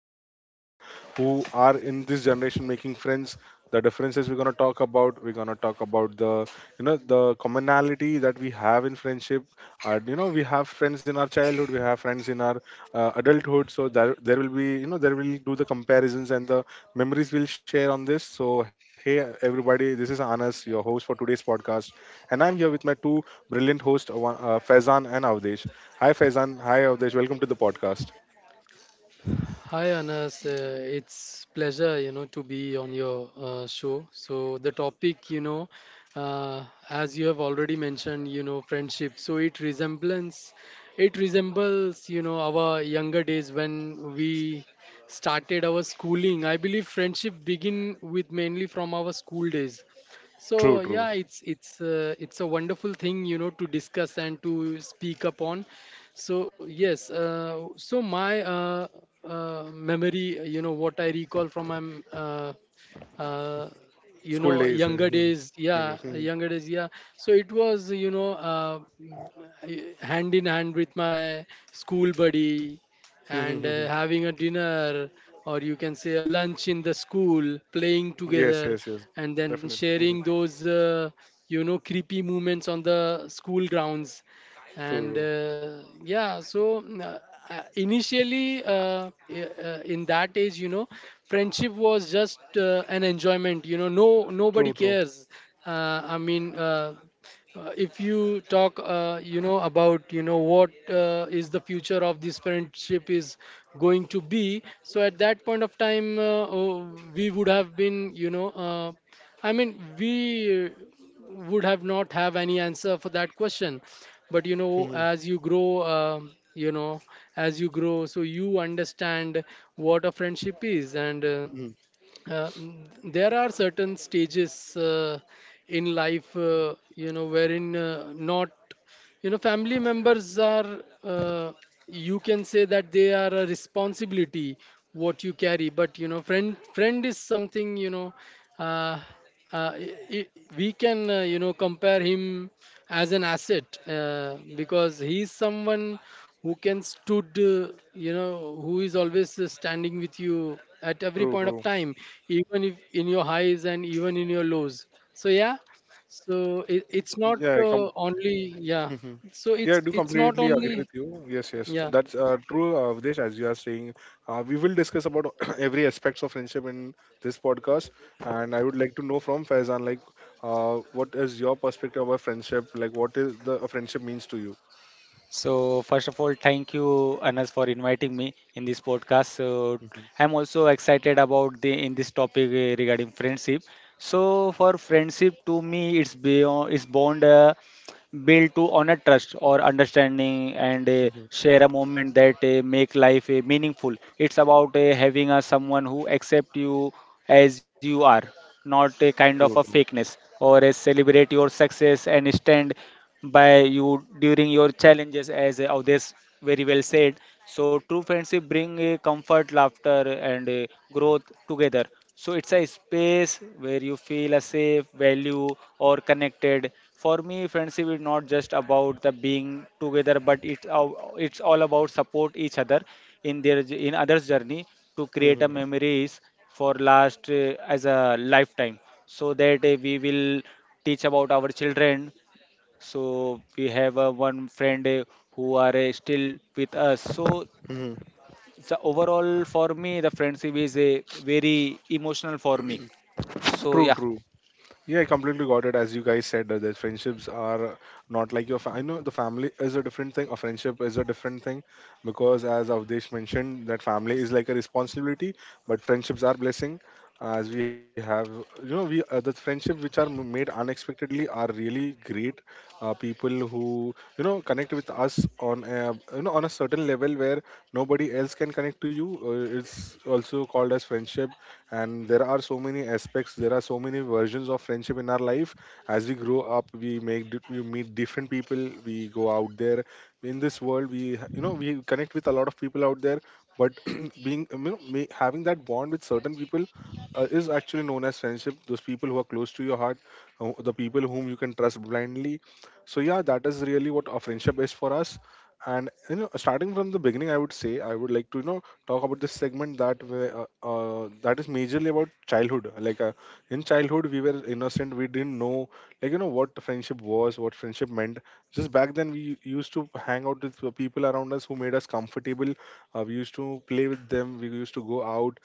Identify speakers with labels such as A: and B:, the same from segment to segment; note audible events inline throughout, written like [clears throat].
A: time and the people who are in this generation making friends. The differences we're gonna talk about. We're gonna talk about the the commonality that we have in friendship are, we have friends in our childhood, we have friends in our adulthood. So there will be, there will do the comparisons and the memories we'll share on this. So hey everybody, this is Anas, your host for today's podcast, and I'm here with my two brilliant hosts, Faizan and Avdesh. Hi Faizan, hi Avdesh, welcome to the podcast.
B: Hi Anas, it's pleasure to be on your show. So the topic as you have already mentioned, you know, friendship. So it resembles you know our younger days when we started our schooling. I believe friendship begin with mainly from our school days,
A: True,
B: so
A: true.
B: yeah, it's a wonderful thing you know to discuss and to speak upon. So yes, so my memory, you know what I recall from my uh, you
A: School
B: know
A: days. [laughs]
B: younger
A: Mhm.
B: days, yeah,
A: Yes.
B: younger days, yeah. So it was hand in hand with my school buddy, and
A: Mhm.
B: having a dinner or you can say a lunch in the school, playing
A: [laughs] Yes,
B: together,
A: yes, yes.
B: and then
A: Definitely.
B: sharing
A: [laughs]
B: those creepy moments on the school grounds. And
A: True.
B: yeah, so initially, in that age you know friendship was just an enjoyment, you know, no nobody
A: True. True,
B: cares. I mean, if you talk you know about you know what is the future of this friendship is going to be, so at that point of time, oh, we would have been I mean we would have not have any answer for that question. But you know,
A: true.
B: as you grow, as you grow, so you understand what a friendship is. And
A: [laughs]
B: there are certain stages in life, you know, wherein, not you know family members are, you can say that they are a responsibility what you carry, but you know friend is something, uh, uh, i- i- we can you know compare him as an asset, because he's someone who can stood, you know, who is always standing with you at every
A: True,
B: point of
A: true.
B: time, even if in your highs and even in your lows. So yeah, so it's not
A: Yeah, I com-
B: only, yeah,
A: Mhm.
B: so
A: Yeah, I do
B: it's not
A: completely agree with
B: only,
A: you. Yes, yes,
B: yeah,
A: that's true, Videsh. As you are saying, we will discuss about [coughs] [clears throat] every aspects of friendship in this podcast, and I would like to know from Faizan, like, what is your perspective about friendship? Like, what is the a friendship means to you?
C: So, first of all, thank you, Anas, for inviting me in this podcast. So,
A: Mhm.
C: I'm also excited about the in this topic regarding friendship. So, for friendship, to me, it's beyond it's bond built to honor trust or understanding, and
A: Mhm.
C: share a moment that make life meaningful. It's about having a someone who accept you as you are, not a kind
A: True,
C: of a
A: true.
C: fakeness, or a celebrate your success and stand by you during your challenges as others very well said. So true friendship bring a comfort, laughter and a growth together. So it's a space where you feel a safe, value or connected. For me, friendship is not just about the being together, but it's all about support each other in their in others' journey, to create a
A: Mhm.
C: memories for last as a lifetime, so that we will teach about our children. So we have one friend who are still with us. So
A: Mhm.
C: the overall for me, the friendship is very emotional for me, so
A: True,
C: yeah.
A: true. Yeah, I completely got it. As you guys said, that friendships are not like your. Fa- I know the family is a different thing. A friendship is a different thing, because as Avdesh mentioned, that family is like a responsibility, but friendships are blessing. As we have, we the friendship which are m- made unexpectedly are really great. People who connect with us on a, on a certain level where nobody else can connect to you. It's also called as friendship, and there are so many aspects, there are so many versions of friendship in our life. As we grow up, we make di- we meet different people, we go out there in this world, we ha- we connect with a lot of people out there, but [clears throat] being, ma- having that bond with certain people is actually known as friendship. Those people who are close to your heart, the people whom you can trust blindly. So yeah, that is really what a friendship is for us. And starting from the beginning, I would say I would like to talk about the segment that way, that is majorly about childhood. Like in childhood, we were innocent. We didn't know, what friendship was, what friendship meant. Just back then, we used to hang out with the people around us who made us comfortable. We used to play with them. We used to go out.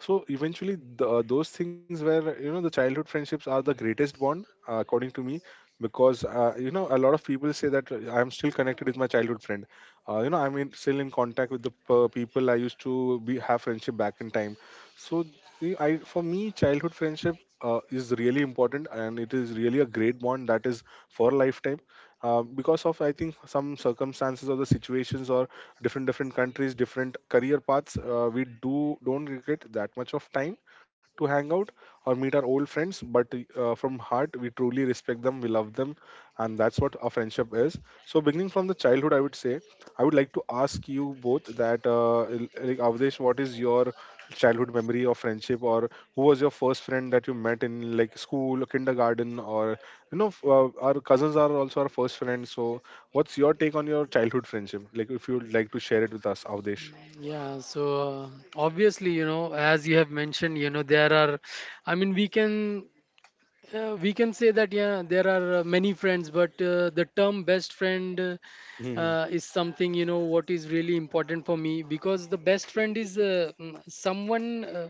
A: So eventually, those things where the childhood friendships are the greatest bond, according to me, because a lot of people say that I am still connected with my childhood friend, I'm in, still in contact with the p- people I used to be have friendship back in time. So see, I, for me childhood friendship is really important, and it is really a great bond that is for a lifetime, because of I think some circumstances or the situations or different different countries, different career paths, we do don't get that much of time to hang out or meet our old friends. But from heart we truly respect them, we love them, and that's what our friendship is. So beginning from the childhood, I would say I would like to ask you both that, l- like Avdesh, what is your childhood memory of friendship, or who was your first friend that you met in like school, kindergarten, or f- our cousins are also our first friends. So, what's your take on your childhood friendship? Like, if you'd like to share it with us, Avdesh.
B: yeah. So obviously, you know, as you have mentioned, you know, there are, I mean, we can, uh, we can say that yeah, there are many friends, but the term best friend
A: Mhm.
B: is something you know what is really important for me, because the best friend is someone Uh,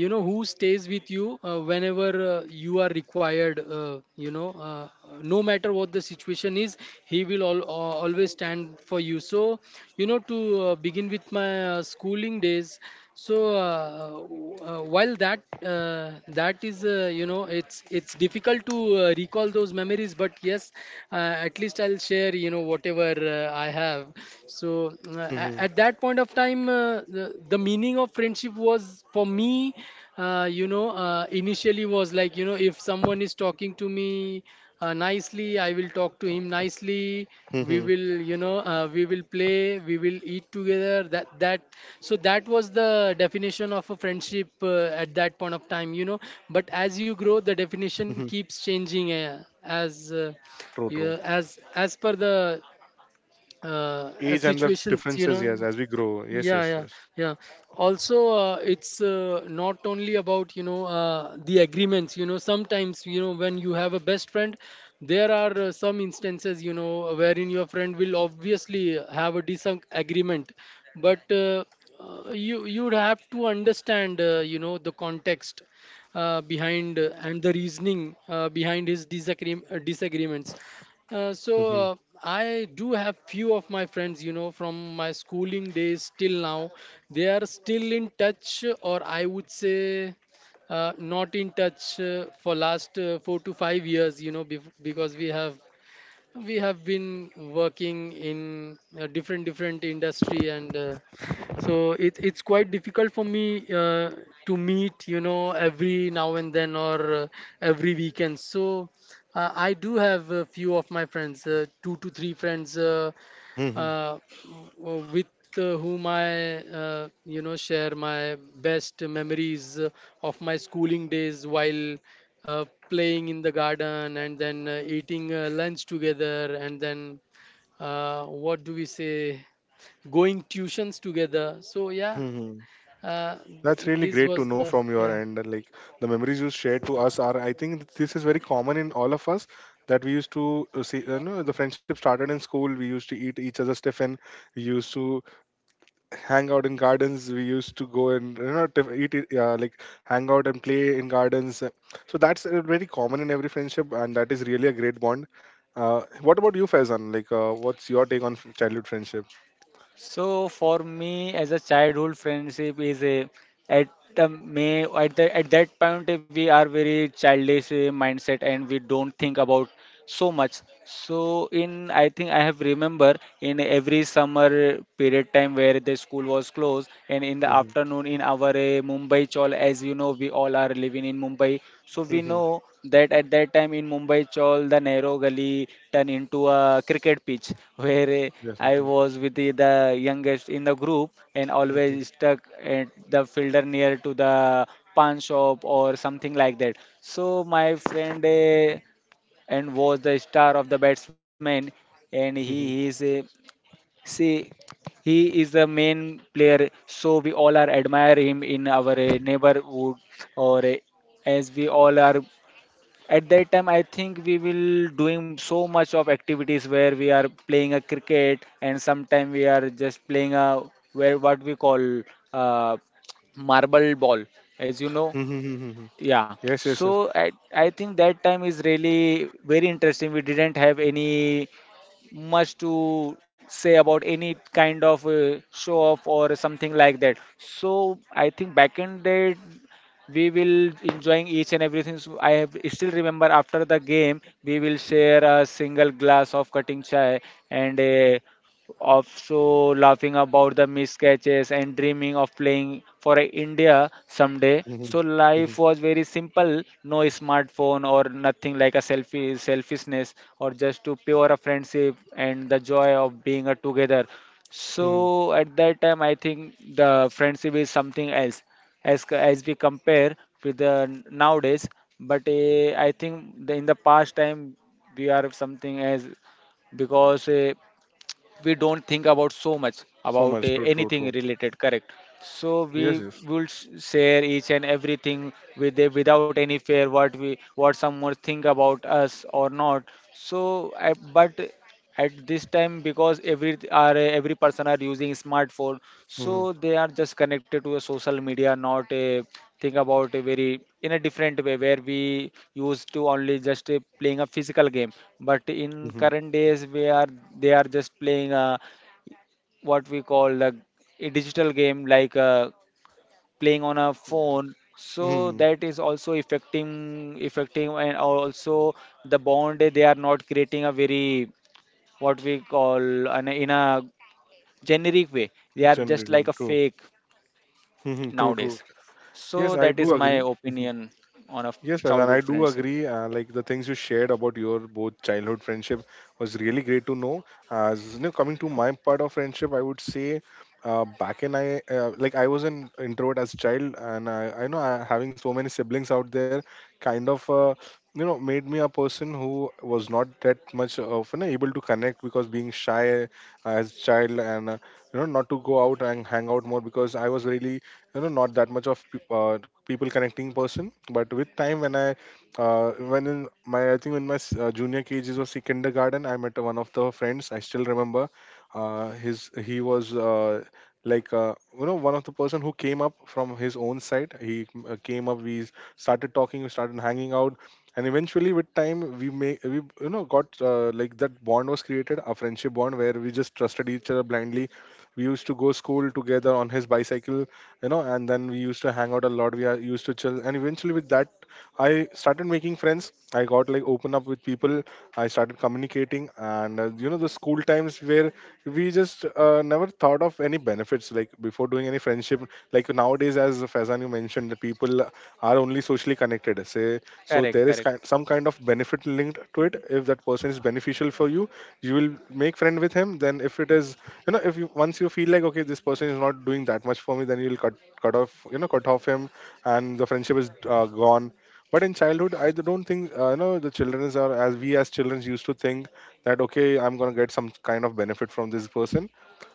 B: you know who stays with you whenever you are required, no matter what the situation is, he will always stand for you. So you know, to begin with my schooling days, so while that, that is, you know, it's difficult to recall those memories, but yes, uh, at least I'll share you know whatever I have. So uh,
A: Mhm.
B: at that point of time, the meaning of friendship was for me, initially was like you know if someone is talking to me nicely, I will talk to him nicely. We
A: Mhm.
B: will we will play, we will eat together, that that so that was the definition of a friendship, at that point of time, you know. But as you grow, the
A: Mhm.
B: definition keeps changing, as
A: True, true.
B: yeah, as per the, as
A: Age and the
B: situations you know.
A: differences, yes, as we grow.
B: Yeah,
A: Yes, yes,
B: yeah,
A: yes.
B: yeah. Also, it's not only about the agreements. You know, sometimes you know when you have a best friend, there are some instances you know wherein your friend will obviously have a disagreement. But you you'd have to understand, you know, the context behind, and the reasoning behind his disagreements. uh, so
A: Mhm.
B: uh, I do have few of my friends, you know, from my schooling days till now. They are still in touch, or I would say, not in touch for last 4 to 5 years, you know, because we have been working in different different industry. And so it's quite difficult for me to meet you know every now and then, or every weekend. So I do have a few of my friends, two to three friends,
A: Mhm.
B: uh, with, whom I, you know, share my best memories of my schooling days, while uh, playing in the garden, and then eating lunch together, and then, what do we say, going tuitions together. So yeah,
A: Mhm. That's really
B: this
A: great to
B: was
A: know
B: the,
A: from your
B: yeah.
A: end. Like the memories you shared to us are, I think this is very common in all of us, that we used to see. You know, the friendship started in school. We used to eat each other's tiffin. We used to hang out in gardens. We used to go and tiff- eat it, like hang out and play in gardens. So that's very common in every friendship, and that is really a great bond. What about you, Faizan? Like, what's your take on f- childhood friendship?
C: So for me, as a childhood friendship is a at the may at the at that point, we are very childish mindset, and we don't think about so much. So, in I think I have remember in every summer period time where the school was closed, and in the
A: Mhm.
C: afternoon in our Mumbai, all, as you know, we all are living in Mumbai. So we
A: Mhm. [laughs]
C: know that at that time in Mumbai all the narrow gully turned into a cricket pitch, where
A: Yes.
C: I
A: Mhm.
C: was with the youngest in the group, and
A: Mhm.
C: always stuck at the fielder near to the pan shop or something like that. So my friend and was the star of the batsman, and
A: Mhm.
C: he is a see, he is the main player, so we all are admire him in our neighborhood, or as we all are. At that time, I think we will doing so much of activities where we are playing a cricket, and sometime we are just playing a where what we call uh, marble ball, as you
A: Mhm.
C: know.
A: Mhm. Mhm.
C: Yeah.
A: Yes. Yes. Yes.
C: So I think that time is really very interesting. We didn't have any much to say about any kind of show off or something like that. So I think back end day we will enjoying each and everything, so I have still remember after the game, we will share a single glass of cutting chai, and also laughing about the miscatches, and dreaming of playing for India someday.
A: Hmm.
C: So
A: Hmm.
C: life was very simple, no smartphone or nothing like a selfie selfishness, or just to pure a friendship and the joy of being together. So
A: Hmm.
C: at that time I think the friendship is something else as as we compare with the nowadays. But I think in the past time we are something as, because we don't think about so much
A: So
C: about
A: much true, true,
C: anything
A: true.
C: related, correct. So we
A: Yes, yes.
C: will share each and everything without any fear what someone think about us or not. So but at this time, because every person are using smartphone,
A: Mm-hmm.
C: so they are just connected to a social media, not a think about a very in a different way where we used to only just playing a physical game, but in
A: Mm-hmm.
C: current days we are they are just playing what we call the a digital game, like playing on a phone. So
A: Mm-hmm.
C: that is also affecting, and also the bond, they are not creating a very what we call in a generic way, they are just like
A: Generally,
C: a
A: true.
C: fake
A: Hmm. True, true.
C: nowadays.
A: Yes,
C: So
A: I
C: that
A: do
C: is my
A: agree.
C: opinion on a
A: Yes, Faizan, I
C: childhood
A: do
C: friendship.
A: agree. Like the things you shared about your both childhood friendship was really great to know. As you know, coming to my part of friendship, I would say back in I like I was an introvert as a child, and I know I, having so many siblings out there kind of made me a person who was not that much of, able to connect because being shy as a child, and not to go out and hang out more because I was really, not that much of uh, people connecting person. But with time, when in my, I think in my s- junior KGs or sec- kindergarten, I met one of the friends. I still remember, his he was like uh, one of the person who came up from his own side. He came up, we started talking, we started hanging out, and eventually with time we make we, got like that bond was created, a friendship bond where we just trusted each other blindly. We used to go school together on his bicycle, you know, and then we used to hang out a lot. We are used to chill, and eventually with that, I started making friends. I got like open up with people. I started communicating, and the school times where we just never thought of any benefits like before doing any friendship. Like nowadays, as Faizan you mentioned, the people are only socially connected say. So
C: Correct,
A: there is
C: correct.
A: kind, some kind of benefit linked to it. If that person is beneficial for you, you will make friend with him. Then if it is, if you once you feel like okay, this person is not doing that much for me, then you'll cut off, cut off him, and the friendship is gone. But in childhood, I don't think the children are as we as children used to think that okay, I'm going to get some kind of benefit from this person.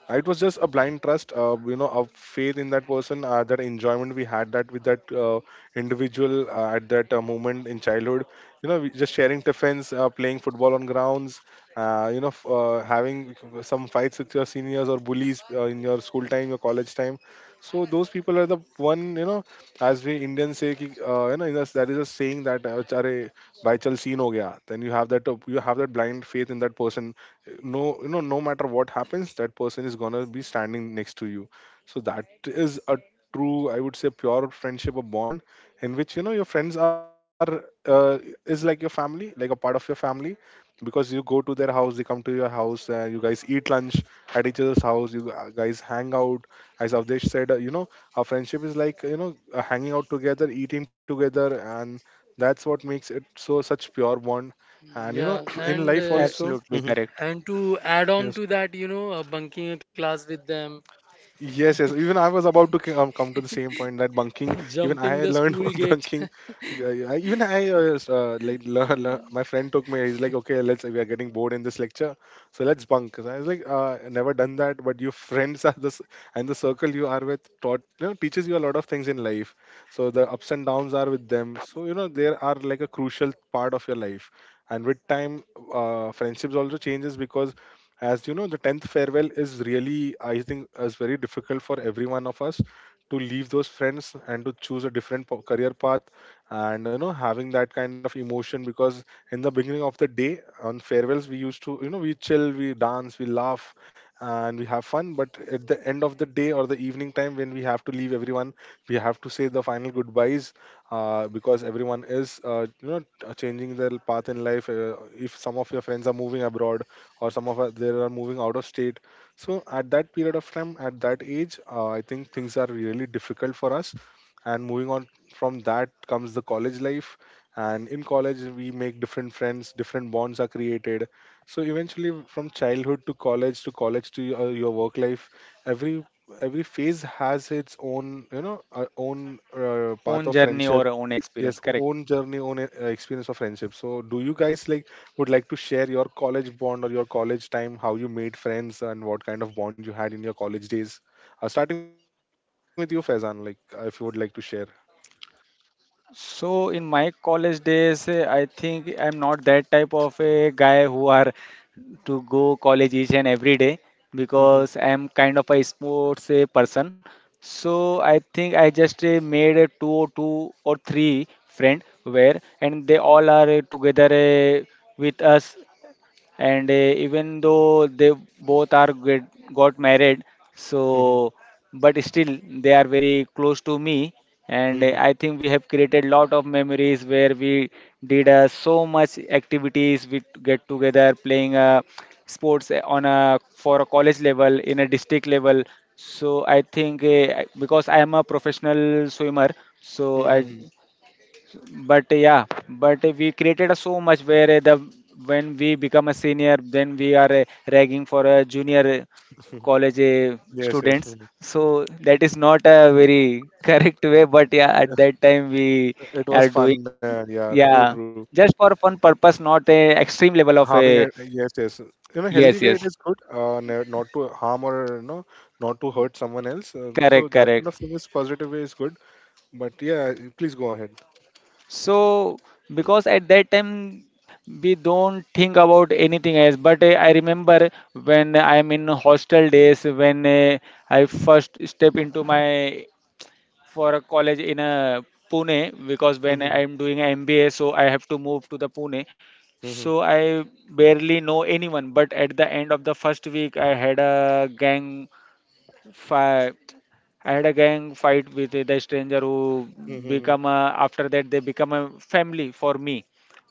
A: Uh, it was just a blind trust, a faith in that person, that enjoyment we had, that with that individual at that moment in childhood. You know, we just sharing tiffins, playing football on grounds, f- having some fights with your seniors or bullies in your school time, your college time. So those people are the one, you know, as we Indians say, ki, in us- there is a saying that, "Achare, bhai chal scene ho gaya." Then you have that blind faith in that person. No, no matter what happens, that person is gonna be standing next to you. So that is a true, I would say, pure friendship, a bond in which your friends are is like your family, like a part of your family, because you go to their house, they come to your house, you guys eat lunch at each other's house, you guys hang out. As Avdesh said, our friendship is like, hanging out together, eating together, and that's what makes it so such pure bond. And
B: Yeah,
A: [clears throat] in life also.
C: Absolutely
A: Mhm.
C: correct.
B: and to add on
A: Yes.
B: to that, you know, bunking a class with them,
A: Yes, yes. Even I was about to c- come to the same point, that bunking.
B: [laughs]
A: Even
B: jumping
A: I
B: the
A: learned
B: school
A: [laughs]
B: gate
A: bunking.
B: [laughs]
A: Uh, I, even I s- like lear- lear- my friend took me. He's like, okay, let's. We are getting bored in this lecture, so let's bunk. So I was like, I never done that. But your friends are this and the circle you are with taught you know teaches you a lot of things in life. So the ups and downs are with them. So you know they are like a crucial part of your life. And with time, friendships also changes because as you know the 10th farewell is really I think is very difficult for every one of us to leave those friends and to choose a career path, and you know having that kind of emotion because in the beginning of the day on farewells we used to, you know, we chill, we dance, we laugh and we have fun, but at the end of the day or the evening time when we have to leave everyone, we have to say the final goodbyes, because everyone is you know changing their path in life. Uh, if some of your friends are moving abroad or some of us there are moving out of state, so at that period of time, at that age, I think things are really difficult for us. And moving on from that comes the college life, and in college we make different friends, different bonds are created. So eventually from childhood to college to college to your work life, every every phase has its own, you know, own path of
C: Own journey
A: friendship.
C: or own
A: Yes,
C: experience, correct.
A: own journey, own experience of friendship. So, do you guys like would like to share your college bond or your college time, how you made friends and what kind of bond you had in your college days? Starting with you, Faizan, like if you would like to share.
C: So in my college days, I think I'm not that type of a guy who are to go college each and every day,
A: [laughs]
C: because
A: Mhm,
C: I am kind of a sports person. So I think I just made a two or two or three friend where, and they all are together with us. And even though they both are got married,
A: mhm,
C: so but still they are very close to me. And
A: mhm,
C: I think we have created lot of memories where we did so much activities. We get together playing sports on a for a college level, in a district level. So I think because I am a professional swimmer, so I
A: mhm,
C: but yeah but we created a so much where the when we become a senior, then we are ragging for a junior
A: mhm.
C: college
A: Yes, yes.
C: students.
A: Mhm.
C: So that is not a very [laughs] correct way, but yeah, at that time we
A: It
C: are
A: was
C: doing,
A: fun. Yeah,
C: yeah,
A: true, true.
C: just for fun purpose, not a extreme level of
A: Harming,
C: a.
A: yes, yes. In a
C: Yes,
A: healthy
C: yes.
A: way, it is good. Not to harm or you know, not to hurt someone else. So
C: Correct,
A: that kind
C: correct.
A: of thing is positive way is good. But yeah, please go ahead.
C: So, because at that time we don't think about anything else. But I remember when I'm in hostel days, when I first step into my for a college in Pune, because when I'm
A: [laughs]
C: doing MBA, so I have to move to the Pune. So I barely know anyone. But at the end of the first week, I had a fire gang fight with the stranger, who
A: Mhm,
C: after that they become a family for me.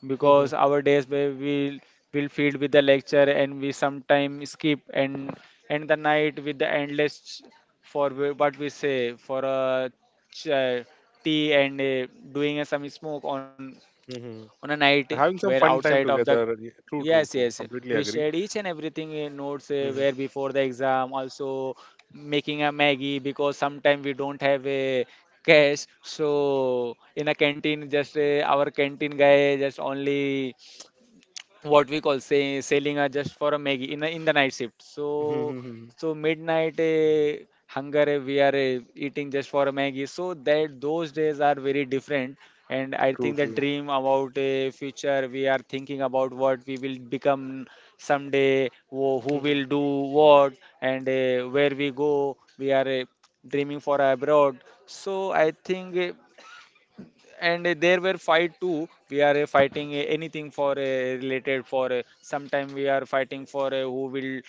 C: Because
A: mhm,
C: our days where we will feed with the lecture, and we sometime skip, and end the night with the endless for what we say for a ch- tea, and doing some smoke on
A: mhm.
C: on a night
A: Having
C: where
A: some fun
C: outside
A: time
C: of the.
A: together. Yeah, true,
C: Yes,
A: true,
C: yes.
A: true.
C: We
A: Completely
C: shared
A: agree.
C: each and everything in notes where
A: Mhm,
C: before the exam, also making a Maggie, because sometimes we don't have a cash. So in a canteen, just our canteen guy just only what we call say selling are just for a Maggie in the night shift.
A: mhm.
C: So
A: Hmm.
C: so midnight hunger, we are eating just for a Maggie. So that those days are very different. And I think
A: True,
C: the
A: true.
C: dream about a future, we are thinking about what we will become someday, who, will
A: Mhm.
C: do what, and where we go. We are dreaming for abroad. So I think, and there were fight too, we are fighting anything for related for sometime we are fighting for who will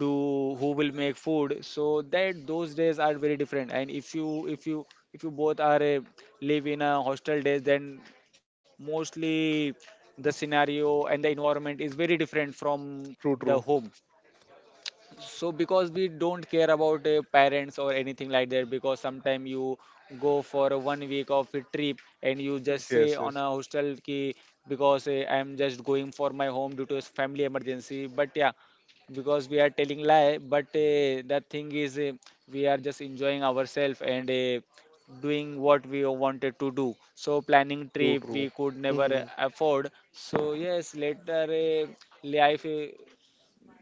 C: do who will make food. So that those days are very different, and if you if you both are live in a hostel days, then mostly the scenario and the environment is very different from
A: True,
C: the
A: true.
C: home. So because we don't care about parents or anything like that, because sometimes you go for a one week of a trip, and you just say
A: Yes,
C: on a
A: yes.
C: hostel key, because I'm just going for my home due to a family emergency. But yeah, because we are telling lie, but that thing is, we are just enjoying ourselves and doing what we wanted to do. So planning
A: True,
C: trip we
A: true.
C: could never
A: Mhm,
C: afford. So yes, later life,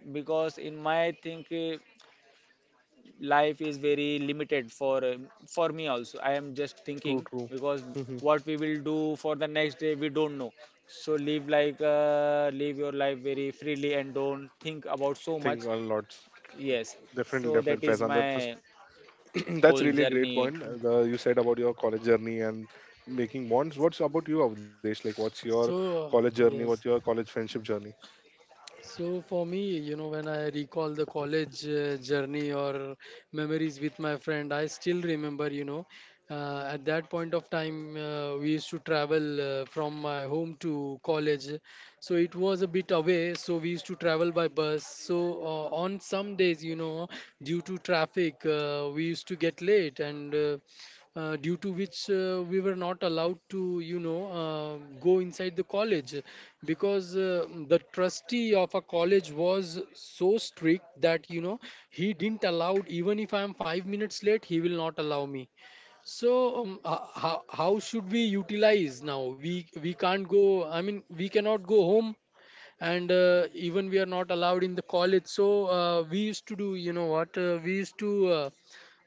C: because in my think, life is very limited for me also, I am just
A: true,
C: thinking,
A: true.
C: because
A: Mhm.
C: what we will do for the next day we don't know. So live live your life very freely, and don't think about so much.
A: Think a lot.
C: Yes.
A: Definitely,
C: So that
A: definitely,
C: is
A: Faizan. That was,
C: my
A: [clears throat] that's
C: whole
A: really a great
C: journey.
A: point.
B: yeah.
A: You said about your college journey and making bonds. What's about you, Avdesh? Like, what's your
B: So
A: college journey?
B: yes.
A: What's your college friendship journey?
B: So for me, you know, when I recall the college journey or memories with my friend, I still remember, you know, at that point of time, we used to travel from my home to college. So it was a bit away, so we used to travel by bus. So on some days, you know, due to traffic, we used to get late, and due to which we were not allowed to you know go inside the college, because the trustee of a college was so strict that you know he didn't allow, even if I am 5 minutes late he will not allow me. So how should we utilize? Now we can't go, I mean we cannot go home, and even we are not allowed in the college. So we used to do you know what, we used to uh,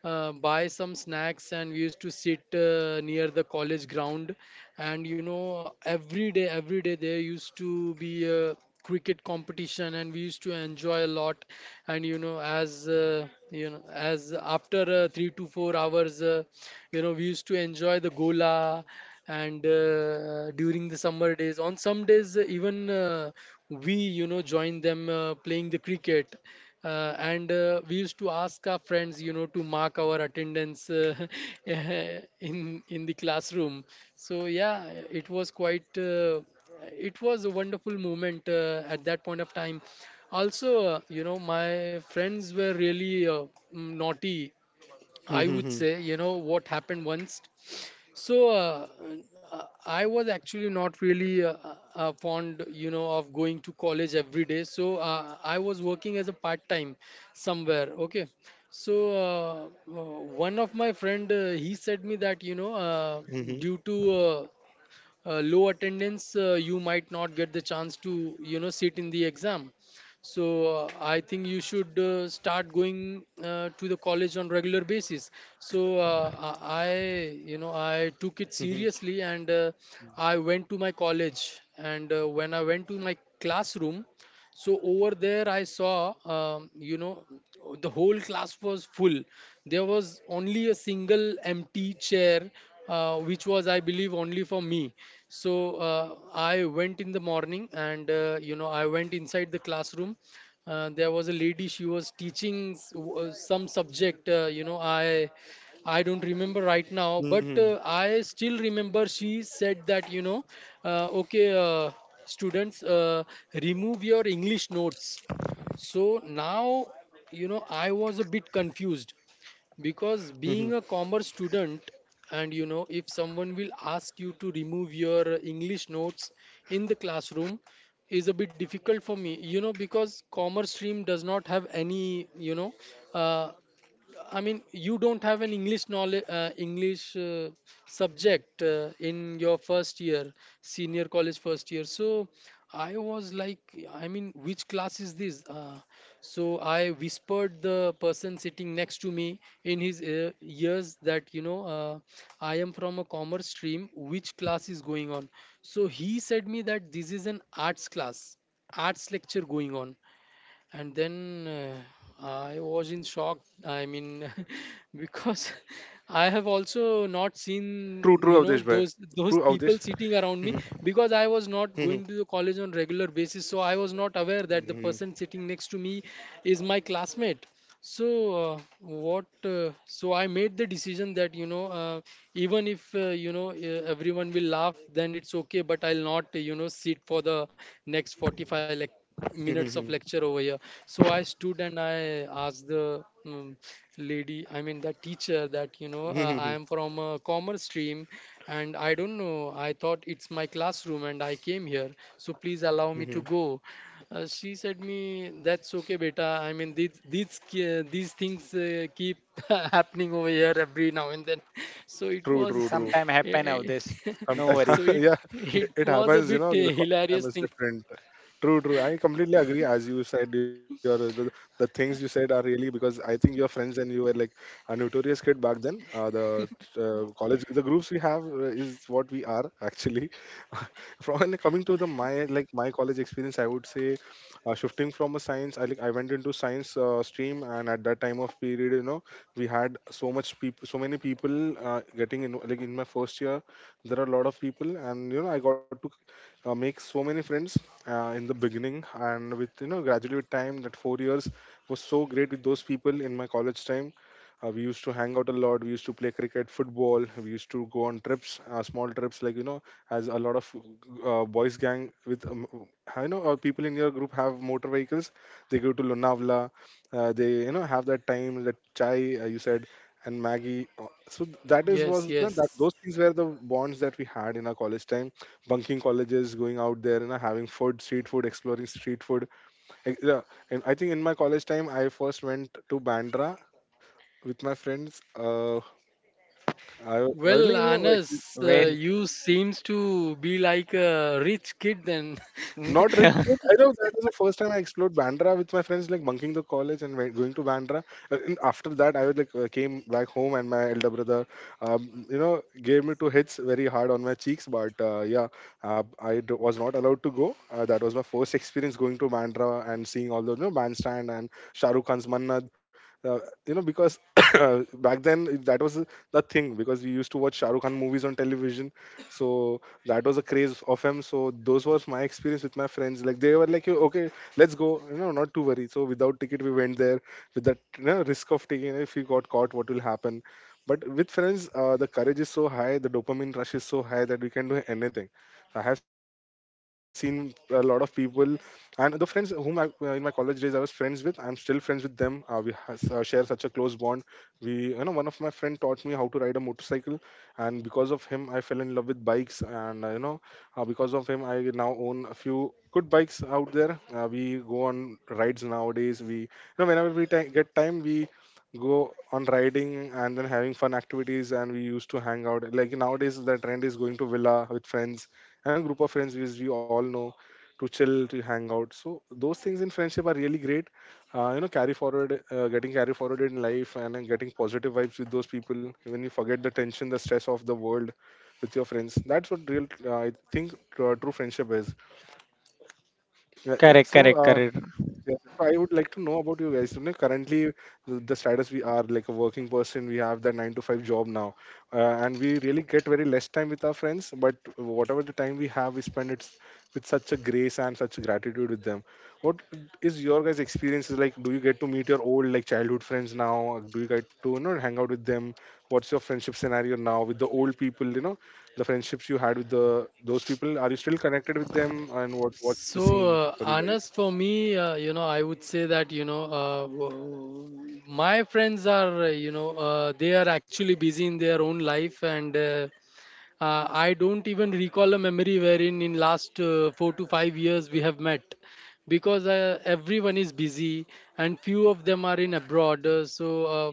B: buy some snacks, and we used to sit near the college ground. And you know every day there used to be a cricket competition, and we used to enjoy a lot. And you know, as as after 3 to 4 hours, you know, we used to enjoy the gola. And during the summer days, on some days, even we you know join them playing the cricket. And we used to ask our friends you know to mark our attendance, [laughs] in the classroom. So yeah, it was quite it was a wonderful moment at that point of time. Also, you know my friends were really naughty, I
A: Mhm,
B: would say.
A: mhm,
B: You know what happened once? So I was actually not really fond, you know, of going to college every day. So I was working as a part time somewhere. Okay. So uh, one of my friend, he said me that you know due
A: mhm,
B: to low attendance, you might not get the chance to you know sit in the exam. So I think you should start going to the college on regular basis. So you know I took it
A: mhm,
B: seriously. And I went to my college, and when I went to my classroom, so over there I saw, you know, the whole class was full. There was only a single empty chair, which was I believe only for me. So I went in the morning, and you know I went inside the classroom. There was a lady, she was teaching some subject. You know, I don't remember right now, but
A: mhm,
B: I still remember she said that, you know, okay, students, remove your English notes. So now, you know, I was a bit confused, because being a
A: mhm.
B: commerce student, and you know, if someone will ask you to remove your English notes in the classroom, is a bit difficult for me, you know, because commerce stream does not have any you know, uh, I mean, you don't have an English knowledge, English subject in your first year, senior college first year. So I was like, I mean, which class is this? So I whispered the person sitting next to me in his ear, ears, that, you know, I am from a commerce stream. Which class is going on? So he said me that this is an arts class, arts lecture going on. And then I was in shock, I mean, [laughs] because [laughs] I have also not seen
A: True, true,
B: you know
A: Avdesh, bhai.
B: those
A: True,
B: people
A: Avdesh.
B: sitting around me, because I was not going to the
A: [laughs]
B: college on regular basis, so I was not aware that the
A: Mhm.
B: person sitting next to me is my classmate. So what so I made the decision that you know even if, everyone will laugh, then it's okay, but I'll not you know sit for the next 45
A: Mhm, mhm.
B: minutes of lecture over here. So I stood, and I asked the, um, lady, I mean the teacher, that you
A: Mhm,
B: know
A: mhm,
B: I am from a commerce stream, and I don't know, I thought it's my classroom and I came here, so please allow me
A: mhm.
B: to go. She said me that's okay beta, I mean these these things keep [laughs] happening over here every now and then. So it
A: True,
B: was
A: true, true.
C: Sometime
B: [laughs]
C: happen of
B: eh,
C: this.
B: eh,
C: No
A: Sometimes,
B: [laughs]
C: worry.
B: so
A: [laughs] yeah,
B: it
A: it
B: was a
A: happens, you
B: bit
A: know, the quality time
B: hilarious
A: is
B: thing.
A: different. True, true, I completely agree. As you said, the things you said are really, because I think your friends and you were like a notorious kid back then. Uh, the uh, college, the groups we have is what we are actually [laughs] from. And coming to the my like my college experience, I would say, shifting from a science, I went into science stream, and at that time of period, you know, we had so many people getting in. Like in my first year there are a lot of people, and you know I got to make so many friends in the beginning, and with, you know, gradually with time, that 4 years was so great with those people in my college time. We used to hang out a lot, we used to play cricket, football, we used to go on trips, small trips, like, you know, as a lot of boys gang with you know people in your group have motor vehicles, they go to Lonavala. They, you know, have that time, that chai you said, and Maggie. So th- that is
B: Yes,
A: was no,
B: yes.
A: that those things were the bonds that we had in our college time, bunking colleges, going out there and having food, street food, exploring street food. Yeah, and I think in my college time, I first went to Bandra with my friends. I think,
B: Well,
A: you know,
B: Anas,
A: like, [laughs]
B: you seems to be like a rich kid then. [laughs]
A: not rich kid. I know that was the first time I explored Bandra with my friends, like bunking the college and going to Bandra. And after that, I was like came back home, and my elder brother, you know, gave me two hits very hard on my cheeks. But yeah, was not allowed to go. That was my first experience going to Bandra and seeing all those, you know, bandstand and Shah Rukh Khan's Mannad. Uh, you know, because [coughs] back then that was the thing, because we used to watch Shah Rukh Khan movies on television. So that was a craze of him. So those was my experience with my friends. Like they were like, okay, let's go, you know, not to worry. So without ticket we went there with that, you know, risk of taking, if we got caught what will happen. But with friends, the courage is so high, the dopamine rush is so high that we can do anything. I have seen a lot of people, and the friends whom in my college days I was friends with, I'm still friends with them. Share such a close bond. We, you know, one of my friend taught me how to ride a motorcycle, and because of him I fell in love with bikes, and you know, because of him I now own a few good bikes out there. We go on rides nowadays. We, you know, whenever we ti get time we go on riding, and then having fun activities. And we used to hang out, like nowadays the trend is going to villa with friends and group of friends, which we all know, to chill, to hang out. So those things in friendship are really great. You know, carry forward, getting carry forward in life, and then getting positive vibes with those people, when you forget the tension, the stress of the world with your friends. That's what real, I think, true friendship is. Yeah, uh,
C: Correct,
A: so
C: correct,
A: uh,
C: correct.
A: Yes, yes. So I would like to know about you guys. You know, currently, the status, we are like a working person, we have that 9 to 5 job now, and we really get very less time with our friends. But whatever the time we have, we spend it with such a grace and such gratitude with them. What is your guys' experiences like? Do you get to meet your old, like childhood friends now? Do you get to, you know, hang out with them? What's your friendship scenario now with the old people? You know, the friendships you had with the those people. Are you still connected with them? And what's the
B: So,
A: scene for you
B: Anas,
A: guys?
B: for me, you know, I would say that, you know, my friends are, they are actually busy in their own life. And I don't even recall a memory wherein in last 4 to 5 years we have met, because everyone is busy, and few of them are in abroad.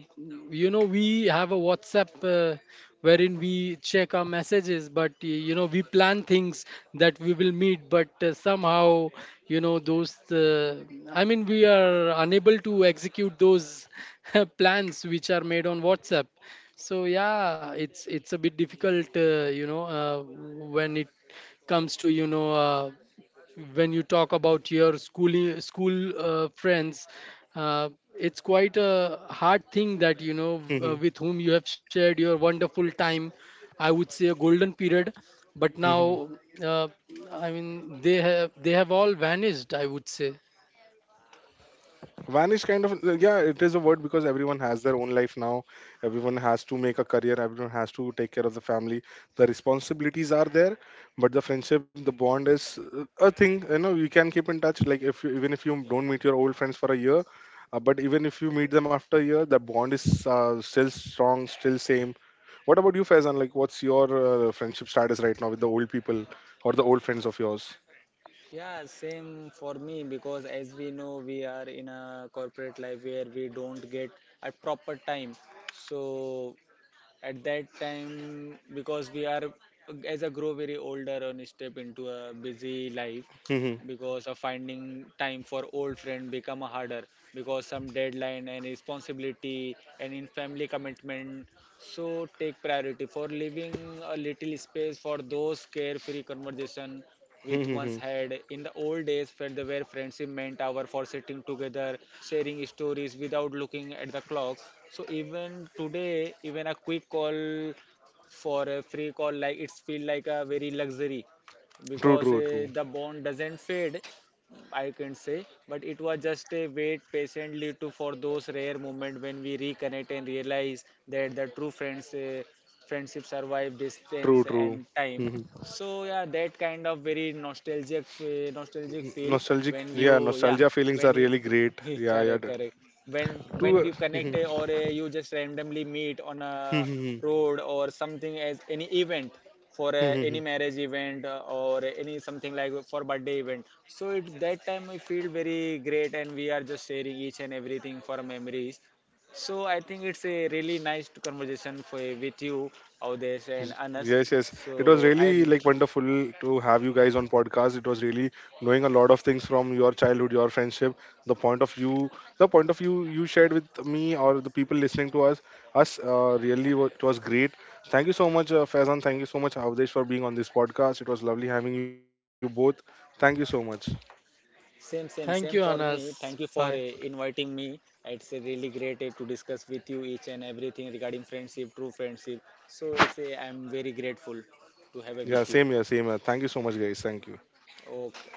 B: You know we have a WhatsApp, wherein we check our messages, but you know we plan things that we will meet, but somehow you know those, I mean we are unable to execute those [laughs] plans which are made on WhatsApp. So yeah, it's a bit difficult, when it comes to you know when you talk about your school friends, uh, it's quite a hard thing that you know
A: [laughs]
B: with whom you have shared your wonderful time. I would say a golden period, but
A: Hmm.
B: now uh, I mean they have all vanished, I would say.
A: Van is kind of, yeah, it is a word, because everyone has their own life now. Everyone has to make a career. Everyone has to take care of the family. The responsibilities are there, but the friendship, the bond is a thing. You know, you can keep in touch. Like if you, even if you don't meet your old friends for a year, but even if you meet them after a year, the bond is still strong, still same. What about you, Faizan? Like, what's your friendship status right now with the old people or the old friends of yours?
C: Yeah, same for me, because as we know, we are in a corporate life where we don't get a proper time. So at that time, because we are as I grow very older and step into a busy life,
A: [laughs] Hmm.
C: because of finding time for old friend become harder, because some deadline and responsibility and in family commitment, so take priority for leaving a little space for those carefree conversation with one's
A: Hmm.
C: head. In the old days, friend, where friendship meant hour for sitting together, sharing stories without looking at the clock. So even today, even a quick call for a free call, like it's feel like a very luxury,
A: True,
C: because
A: true, true,
C: the bond doesn't fade. I can say, but it was just a wait patiently to for those rare moment when we reconnect and realize that the true friendship survive
A: true,
C: distance
A: true.
C: and time.
A: Mm-hmm.
C: So yeah, that kind of very nostalgic, nostalgic feel,
A: Nostalgic,
C: when
A: yeah,
C: you yeah
A: nostalgia feelings
C: when
A: are
C: you
A: really great.
C: [laughs]
A: Yeah, yeah,
C: correct,
A: d-
C: correct, when
A: to
C: we
A: [laughs]
C: connect, or you just randomly meet on a road or something, as any event for any marriage event, or any something like for birthday event. So it that time we feel very great, and we are just sharing each and everything for memories. So I think it's a really nice conversation for with you, Audesh and Anas.
A: yes, yes, it was
C: So I
A: really like wonderful to have you guys on podcast. It was really knowing a lot of things from your childhood, your friendship, the point of view, the point of view you shared with me or the people listening to us really, it was great. Thank you so much, Faizan, thank you so much, Avdesh, for being on this podcast. It was lovely having you both. Thank you so much.
C: same same same for me.
B: Thank you,
C: Thank you for
B: Anas. Bye.
C: inviting me. It's a really great to discuss with you each and everything regarding friendship, true friendship. So it's a, I'm very grateful to have a with
A: Yeah,
C: you.
A: same here, same here, thank you so much guys, thank you.
C: Okay,